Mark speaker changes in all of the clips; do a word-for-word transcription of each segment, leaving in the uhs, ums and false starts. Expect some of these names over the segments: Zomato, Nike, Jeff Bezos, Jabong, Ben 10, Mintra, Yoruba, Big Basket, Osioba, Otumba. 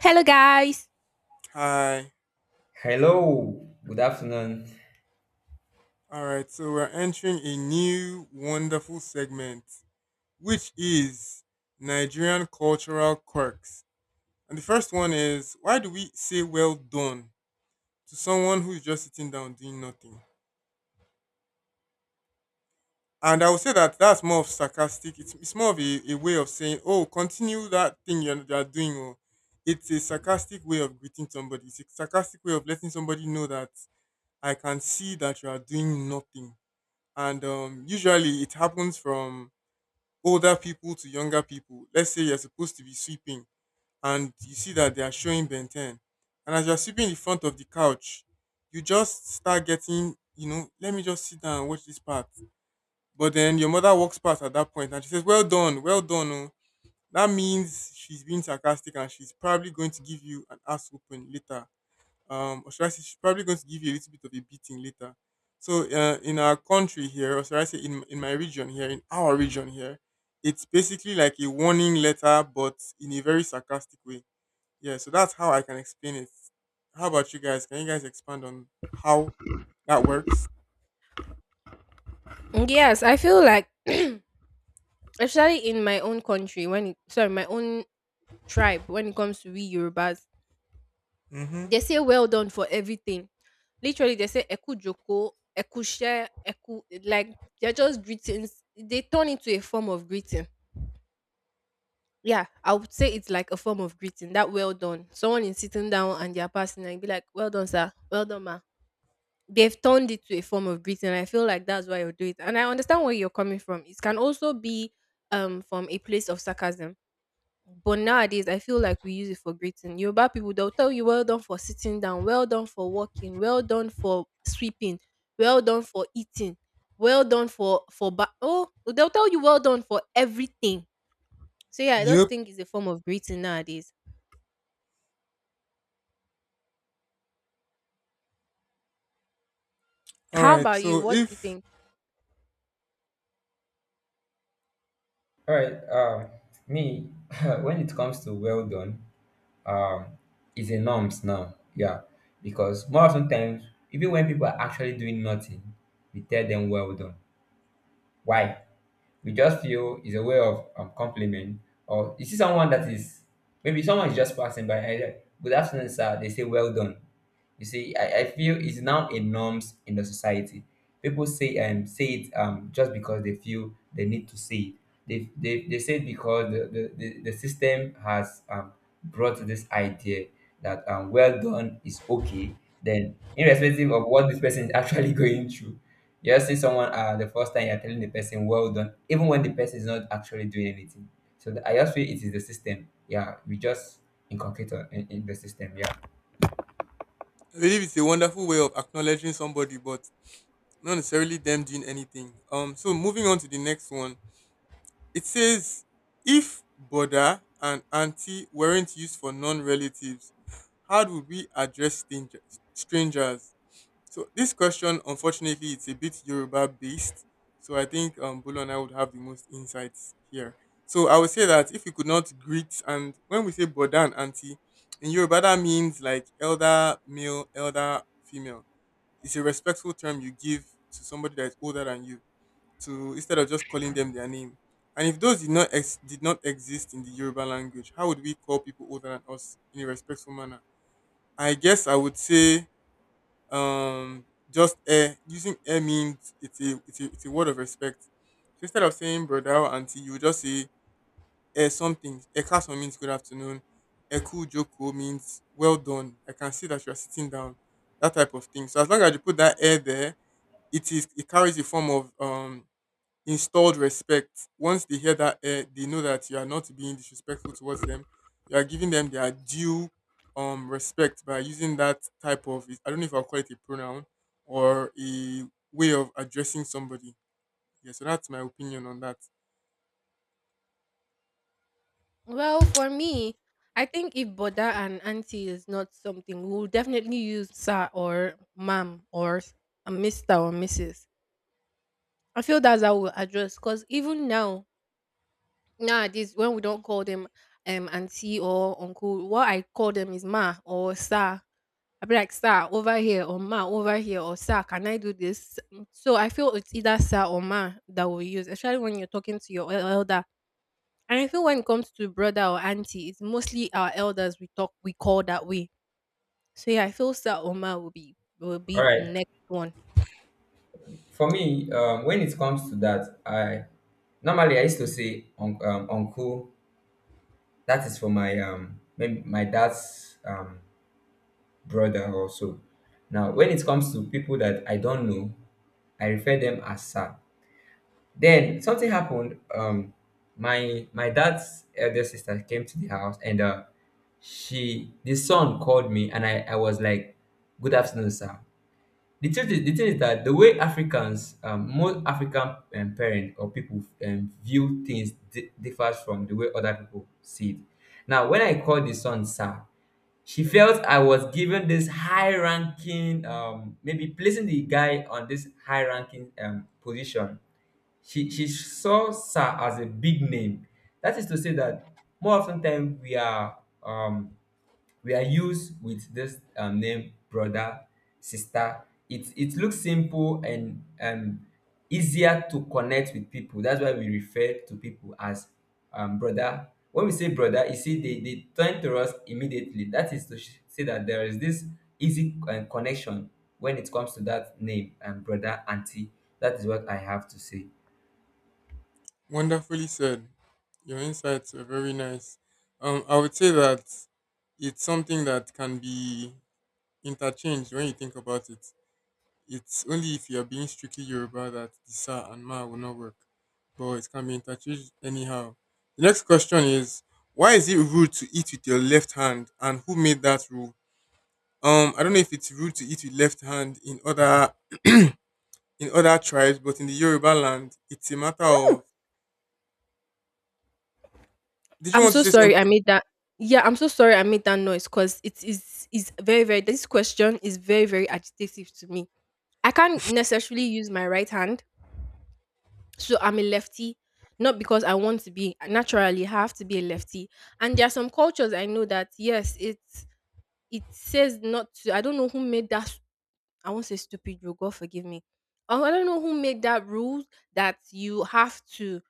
Speaker 1: Hello, guys.
Speaker 2: Hi.
Speaker 3: Hello, good afternoon.
Speaker 2: All right. So we're entering a new wonderful segment, which is Nigerian cultural quirks. And the first one is why do we say well done to someone who's just sitting down doing nothing? And I would say that that's more of sarcastic. It's, it's more of a, a way of saying, oh, continue that thing you're, you're doing. Or it's a sarcastic way of greeting somebody. It's a sarcastic way of letting somebody know that I can see that you are doing nothing. And um, usually it happens from older people to younger people. Let's say you're supposed to be sweeping and you see that they are showing Ben ten. And as you're sweeping the front of the couch, you just start getting, you know, let me just sit down and watch this part. But then your mother walks past at that point and she says, well done, well done. Oh. That means she's being sarcastic and she's probably going to give you an ass open later, um, or should I say she's probably going to give you a little bit of a beating later. So uh, in our country here, or should I say in in my region here, in our region here, it's basically like a warning letter, but in a very sarcastic way. Yeah, so that's how I can explain it. How about you guys? Can you guys expand on how that works?
Speaker 1: Mm, yes, I feel like, especially in my own country, when it, sorry, my own tribe, when it comes to we Yorubas,
Speaker 2: Mm-hmm.
Speaker 1: they say well done for everything. Literally, they say eku joko, eku share, eku like they're just greetings. They turn into a form of greeting. Yeah, I would say it's like a form of greeting. That well done. Someone is sitting down and they're passing and be like, well done, sir. Well done, ma. They've turned it to a form of greeting. I feel like that's why you do it. And I understand where you're coming from. It can also be um from a place of sarcasm. But nowadays I feel like we use it for greeting. Yoruba people they'll tell you well done for sitting down, well done for walking, well done for sweeping, well done for eating, well done for for ba- oh they'll tell you well done for everything. So yeah, I just
Speaker 2: Yep.
Speaker 1: think it's a form of greeting nowadays.
Speaker 2: All
Speaker 1: How
Speaker 2: right.
Speaker 1: about you?
Speaker 2: So
Speaker 1: What do you
Speaker 2: if
Speaker 1: think?
Speaker 3: All right, um, me, when it comes to well done, um, it's a norms now, yeah, because more often times, even when people are actually doing nothing, we tell them well done. Why? We just feel is a way of um, compliment, or you see someone that is maybe someone is just passing by either good afternoon sir they say well done. You see i, I feel it's now a norms in the society. People say um say it um just because they feel they need to say it. They they, they say it because the, the, the, the system has um brought this idea that um well done is okay, then irrespective of what this person is actually going through. You just see someone uh, the first time you're telling the person well done, even when the person is not actually doing anything. So th- I just feel it is the system. Yeah, we just inculcate on- in, in the system. Yeah.
Speaker 2: I believe it's a wonderful way of acknowledging somebody, but not necessarily them doing anything. Um. So moving on to the next one. It says, if Boda and Auntie weren't used for non relatives, how do we address stranger- strangers? So this question, unfortunately, it's a bit Yoruba based. So I think um, Bolo and I would have the most insights here. So I would say that if you could not greet, and when we say Boda and Auntie, in Yoruba, that means like elder male, elder female. It's a respectful term you give to somebody that is older than you to instead of just calling them their name. And if those did not ex- did not exist in the Yoruba language, how would we call people older than us in a respectful manner? I guess I would say um just air. Using air means it's a it's a, it's a word of respect. So instead of saying brother or auntie, you would just say air something. Ekason means good afternoon. Eku joko means well done. I can see that you are sitting down. That type of thing. So as long as you put that air there, it is it carries a form of um installed respect. Once they hear that air, they know that you are not being disrespectful towards them. You are giving them their due um respect by using that type of, I don't know if I'll call it a pronoun or a way of addressing somebody. Yeah, so that's my opinion on that.
Speaker 1: Well, for me, I think if boda and auntie is not something, we'll definitely use sir or ma'am or s- a mister or missus. I feel that's how we'll address because even now, nowadays, when we don't call them um auntie or uncle, what I call them is ma or sir. I be like, sir, over here, or ma, over here, or sir, can I do this? Mm, so I feel it's either sir or ma that we use, especially when you're talking to your elder, and I feel when it comes to brother or auntie, it's mostly our elders we talk we call that way. So yeah, I feel Sir Omar will be will
Speaker 3: All
Speaker 1: be
Speaker 3: right.
Speaker 1: the next one.
Speaker 3: For me, um, when it comes to that, I normally I used to say un- um, uncle. That is for my um maybe my dad's um brother also. Now, when it comes to people that I don't know, I refer them as sir. Then something happened. Um, my my dad's elder sister came to the house, and uh, she the son called me, and I, I was like, "Good afternoon, sir." The truth is, the thing is that the way Africans, um, most African um, parents or people um, view things di- differs from the way other people see it. Now, when I called the son, sir, she felt I was given this high ranking, um, maybe placing the guy on this high ranking um, position. She, she saw Sir as a big name. That is to say that more often time we are um, we are used with this um, name brother, sister. It it looks simple and um, easier to connect with people. That's why we refer to people as um, brother. When we say brother, you see they, they turn to us immediately. That is to sh- say that there is this easy uh, connection when it comes to that name and brother auntie. That is what I have to say.
Speaker 2: Wonderfully said. Your insights were very nice. Um, I would say that it's something that can be interchanged when you think about it. It's only if you're being strictly Yoruba that the sa and ma will not work. But it can be interchanged anyhow. The next question is why is it rude to eat with your left hand and who made that rule? Um, I don't know if it's rude to eat with left hand in other in other tribes, but in the Yoruba land it's a matter
Speaker 1: Ooh,
Speaker 2: of, did you
Speaker 1: I'm
Speaker 2: want to
Speaker 1: so
Speaker 2: say
Speaker 1: sorry I
Speaker 2: something?
Speaker 1: made that. Yeah, I'm so sorry I made that noise because it is is very very this question is very very agitative to me. I can't necessarily use my right hand, so I'm a lefty. Not because I want to be naturally, I have to be a lefty. And there are some cultures I know that yes, it's it says not to. I don't know who made that, I won't say stupid rule, God forgive me. Oh, I don't know who made that rule that you have to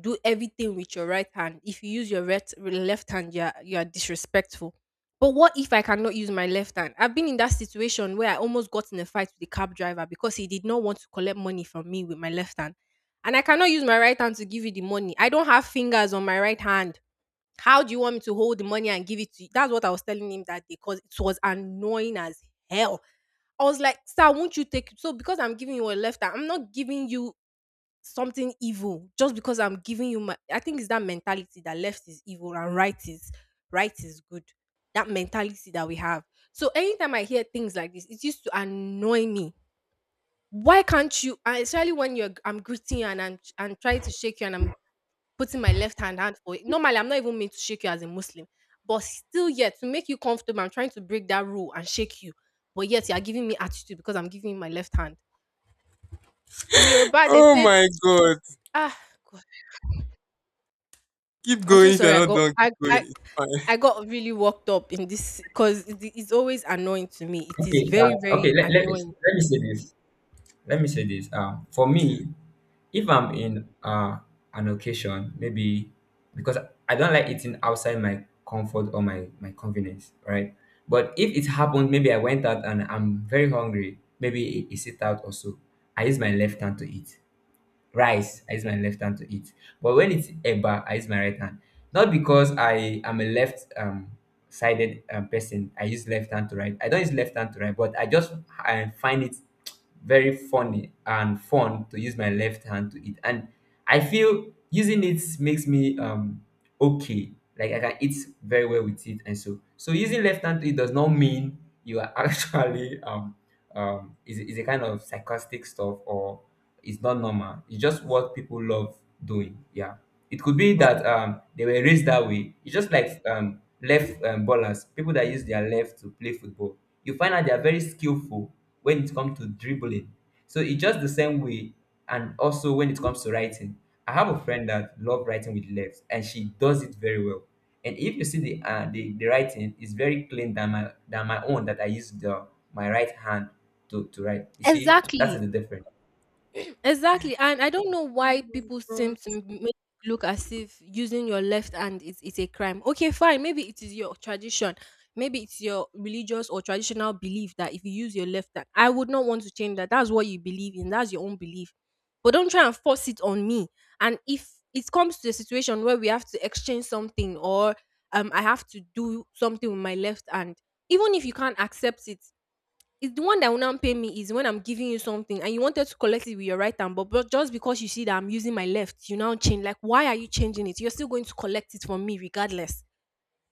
Speaker 1: do everything with your right hand. If you use your right, left hand, you're you're disrespectful. But what if I cannot use my left hand? I've been in that situation where I almost got in a fight with the cab driver because he did not want to collect money from me with my left hand. And I cannot use my right hand to give you the money. I don't have fingers on my right hand. How do you want me to hold the money and give it to you? That's what I was telling him that day because it was annoying as hell. I was like, sir, won't you take it? So because I'm giving you a left hand, I'm not giving you something evil just because I'm giving you my. I think it's that mentality that left is evil and right is right is good. That mentality that we have. So anytime I hear things like this, it used to annoy me. Why can't you? And especially when you're, I'm greeting you and I'm and trying to shake you and I'm putting my left hand hand for it. Normally, I'm not even meant to shake you as a Muslim, but still, yet to make you comfortable, I'm trying to break that rule and shake you. But yet, you are giving me attitude because I'm giving you my left hand. In Yoruba, they
Speaker 2: Oh
Speaker 1: said,
Speaker 2: my god.
Speaker 1: "Ah, God,
Speaker 2: Keep
Speaker 1: I'm so
Speaker 2: going if you're
Speaker 1: sorry. I
Speaker 2: not
Speaker 1: got
Speaker 2: done, keep
Speaker 1: I
Speaker 2: going.
Speaker 1: I,
Speaker 2: It's fine.
Speaker 1: I got really worked up in this because it's always annoying to me. It is
Speaker 3: Okay, uh,
Speaker 1: very very
Speaker 3: okay. Let, let me
Speaker 1: annoying.
Speaker 3: let me say this. Let me say this. Uh, for
Speaker 2: Okay.
Speaker 3: me, if I'm in uh, an occasion, maybe because I don't like eating outside my comfort or my my convenience, right? But if it happened, maybe I went out and I'm very hungry. Maybe I I sit out also. I use my left hand to eat rice. I use my left hand to eat, but when it's eba I use my right hand, not because I am a left um sided um, person. I use left hand to right, I don't use left hand to right, but I just I find it very funny and fun to use my left hand to eat, and I feel using it makes me um okay, like I can eat very well with it. And so so using left hand to eat does not mean you are actually um um, is, is a kind of sarcastic stuff, or it's not normal. It's just what people love doing. Yeah. It could be that
Speaker 2: Okay.
Speaker 3: um, they were raised that way. It's just like um, left um, ballers, people that use their left to play football. You find out they are very skillful when it comes to dribbling. So it's just the same way. And also when it comes to writing, I have a friend that love writing with left and she does it very well. And if you see the uh, the, the writing, it's very clean than my than my own that I use the my right hand to, to write. You see, that's
Speaker 1: Exactly.
Speaker 3: the difference.
Speaker 1: Exactly, and I don't know
Speaker 2: Oh
Speaker 1: why
Speaker 2: my
Speaker 1: people
Speaker 2: god.
Speaker 1: seem to m- make it look as if using your left hand is, is a crime. Okay, fine, maybe it is your tradition, maybe it's your religious or traditional belief that if you use your left hand, I would not want to change that. That's what you believe in, that's your own belief. But don't try and force it on me. And if it comes to a situation where we have to exchange something or um I have to do something with my left hand, even if you can't accept it, it's the one that will now pay me is when I'm giving you something and you wanted to collect it with your right hand, but, but just because you see that I'm using my left, you now change. Like, why are you changing it? You're still going to collect it from me regardless.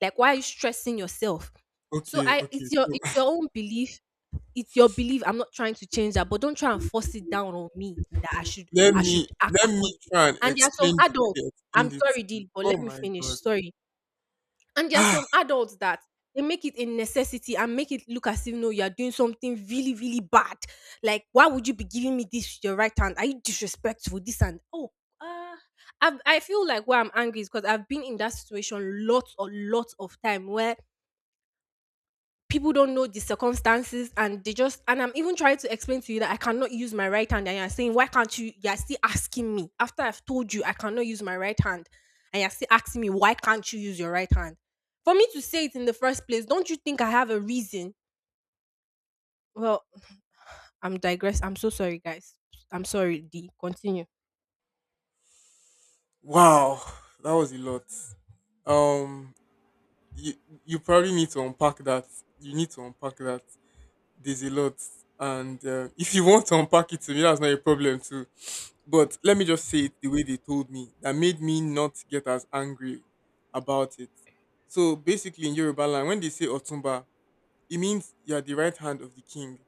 Speaker 1: Like, why are you stressing yourself? So
Speaker 2: Okay,
Speaker 1: I,
Speaker 2: okay.
Speaker 1: it's your,
Speaker 2: So
Speaker 1: it's your own belief. It's your belief. I'm not trying to change that, but don't try and force it down on me that I should,
Speaker 2: Let
Speaker 1: I
Speaker 2: me
Speaker 1: should act
Speaker 2: let
Speaker 1: accordingly.
Speaker 2: me try and
Speaker 1: And there are some
Speaker 2: explain the way
Speaker 1: adults.
Speaker 2: they
Speaker 1: I'm
Speaker 2: explained it to
Speaker 1: sorry,
Speaker 2: me.
Speaker 1: Dee, but
Speaker 2: Oh
Speaker 1: let me
Speaker 2: my
Speaker 1: finish.
Speaker 2: god.
Speaker 1: Sorry, and there are some adults that they make it a necessity and make it look as if no, you are doing something really, really bad. Like, why would you be giving me this with your right hand? Are you disrespectful? This and oh, uh, I I feel like why I'm angry is because I've been in that situation lots or lots of time where people don't know the circumstances and they just and I'm even trying to explain to you that I cannot use my right hand, and you're saying why can't you, you're still asking me after I've told you I cannot use my right hand, and you're still asking me why can't you use your right hand. For me to say it in the first place, don't you think I have a reason? Well, I'm digress, I'm so sorry guys. I'm sorry D, continue.
Speaker 2: Wow. That was a lot. Um you you probably need to unpack that. You need to unpack that. There's a lot. And uh, if you want to unpack it to me, that's not a problem too. But let me just say it the way they told me. That made me not get as angry about it. So basically in Yoruba land, when they say Otumba, it means you are the right hand of the king.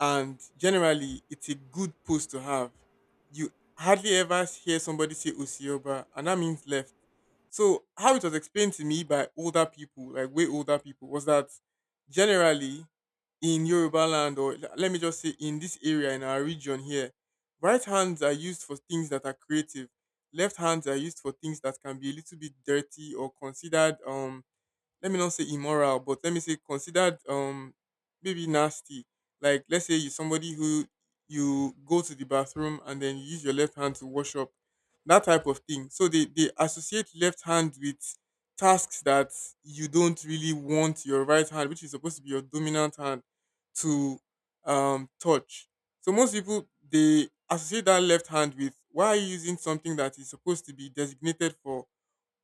Speaker 2: And generally it's a good post to have. You hardly ever hear somebody say Osioba, and that means left. So how it was explained to me by older people, like way older people, was that generally in Yoruba land, or l- let me just say in this area in our region here, right hands are used for things that are creative. Left hands are used for things that can be a little bit dirty or considered, um let me not say immoral, but let me say considered um maybe nasty. Like let's say you somebody who, you go to the bathroom and then you use your left hand to wash up, that type of thing. So they, they associate left hand with tasks that you don't really want your right hand, which is supposed to be your dominant hand, to um touch. So most people they associate that left hand with why are you using something that is supposed to be designated for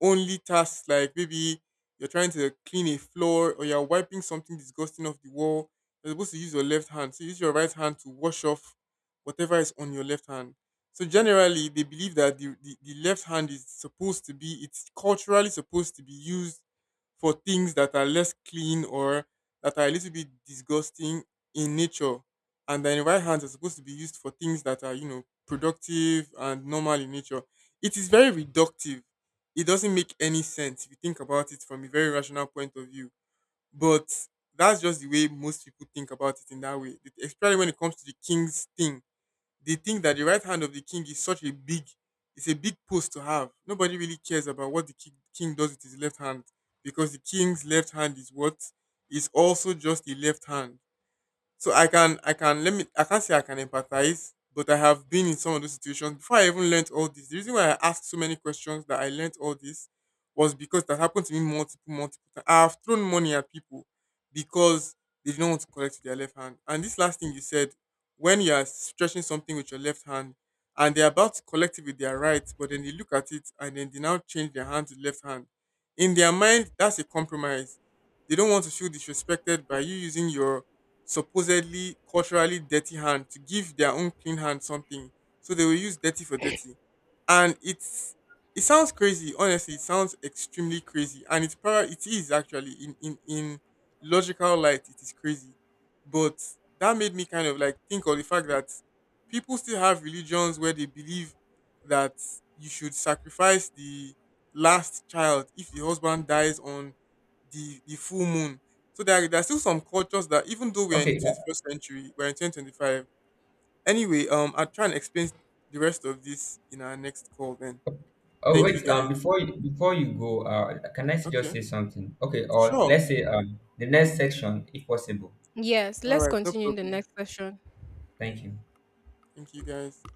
Speaker 2: only tasks like maybe you're trying to clean a floor or you're wiping something disgusting off the wall. You're supposed to use your left hand. So use your right hand to wash off whatever is on your left hand. So generally, they believe that the, the, the left hand is supposed to be, it's culturally supposed to be used for things that are less clean or that are a little bit disgusting in nature. And then the right hand is supposed to be used for things that are, you know, productive and normal in nature. It is very reductive, it doesn't make any sense if you think about it from a very rational point of view. But that's just the way most people think about it in that way. Especially when it comes to the king's thing. They think that the right hand of the king is such a big, it's a big post to have. Nobody really cares about what the ki- king does with his left hand because the king's left hand is what is also just a left hand. So I can I can let me, I can't say I can empathize, but I have been in some of those situations before I even learnt all this. The reason why I asked so many questions that I learnt all this was because that happened to me multiple, multiple times. I have thrown money at people because they didn't want to collect with their left hand. And this last thing you said, when you are stretching something with your left hand and they're about to collect it with their right, but then they look at it and then they now change their hand to left hand. In their mind, that's a compromise. They don't want to feel disrespected by you using your supposedly culturally dirty hand to give their own clean hand something. So they will use dirty for dirty. And it's, it sounds crazy, honestly, it sounds extremely crazy. And it's probably, it is actually in, in, in logical light, it is crazy. But that made me kind of like think of the fact that people still have religions where they believe that you should sacrifice the last child if the husband dies on the the full moon. So there, are- there are still some cultures that even though we're in the
Speaker 3: Okay. uh,
Speaker 2: twenty-first century, we're in twenty twenty-five. Anyway, um, I'll try and explain the rest of this in our next call then.
Speaker 3: oh
Speaker 2: Thank you
Speaker 3: wait. Um,
Speaker 2: guys.
Speaker 3: before you, before you go, uh, can I just
Speaker 2: Okay.
Speaker 3: say something? Okay. Or
Speaker 2: Sure.
Speaker 3: let's say um the next section, if possible.
Speaker 1: Yes,
Speaker 2: All
Speaker 1: let's
Speaker 2: right. No
Speaker 1: continue in the
Speaker 2: problem.
Speaker 1: next session.
Speaker 2: Yeah.
Speaker 3: Thank you.
Speaker 2: Thank you guys.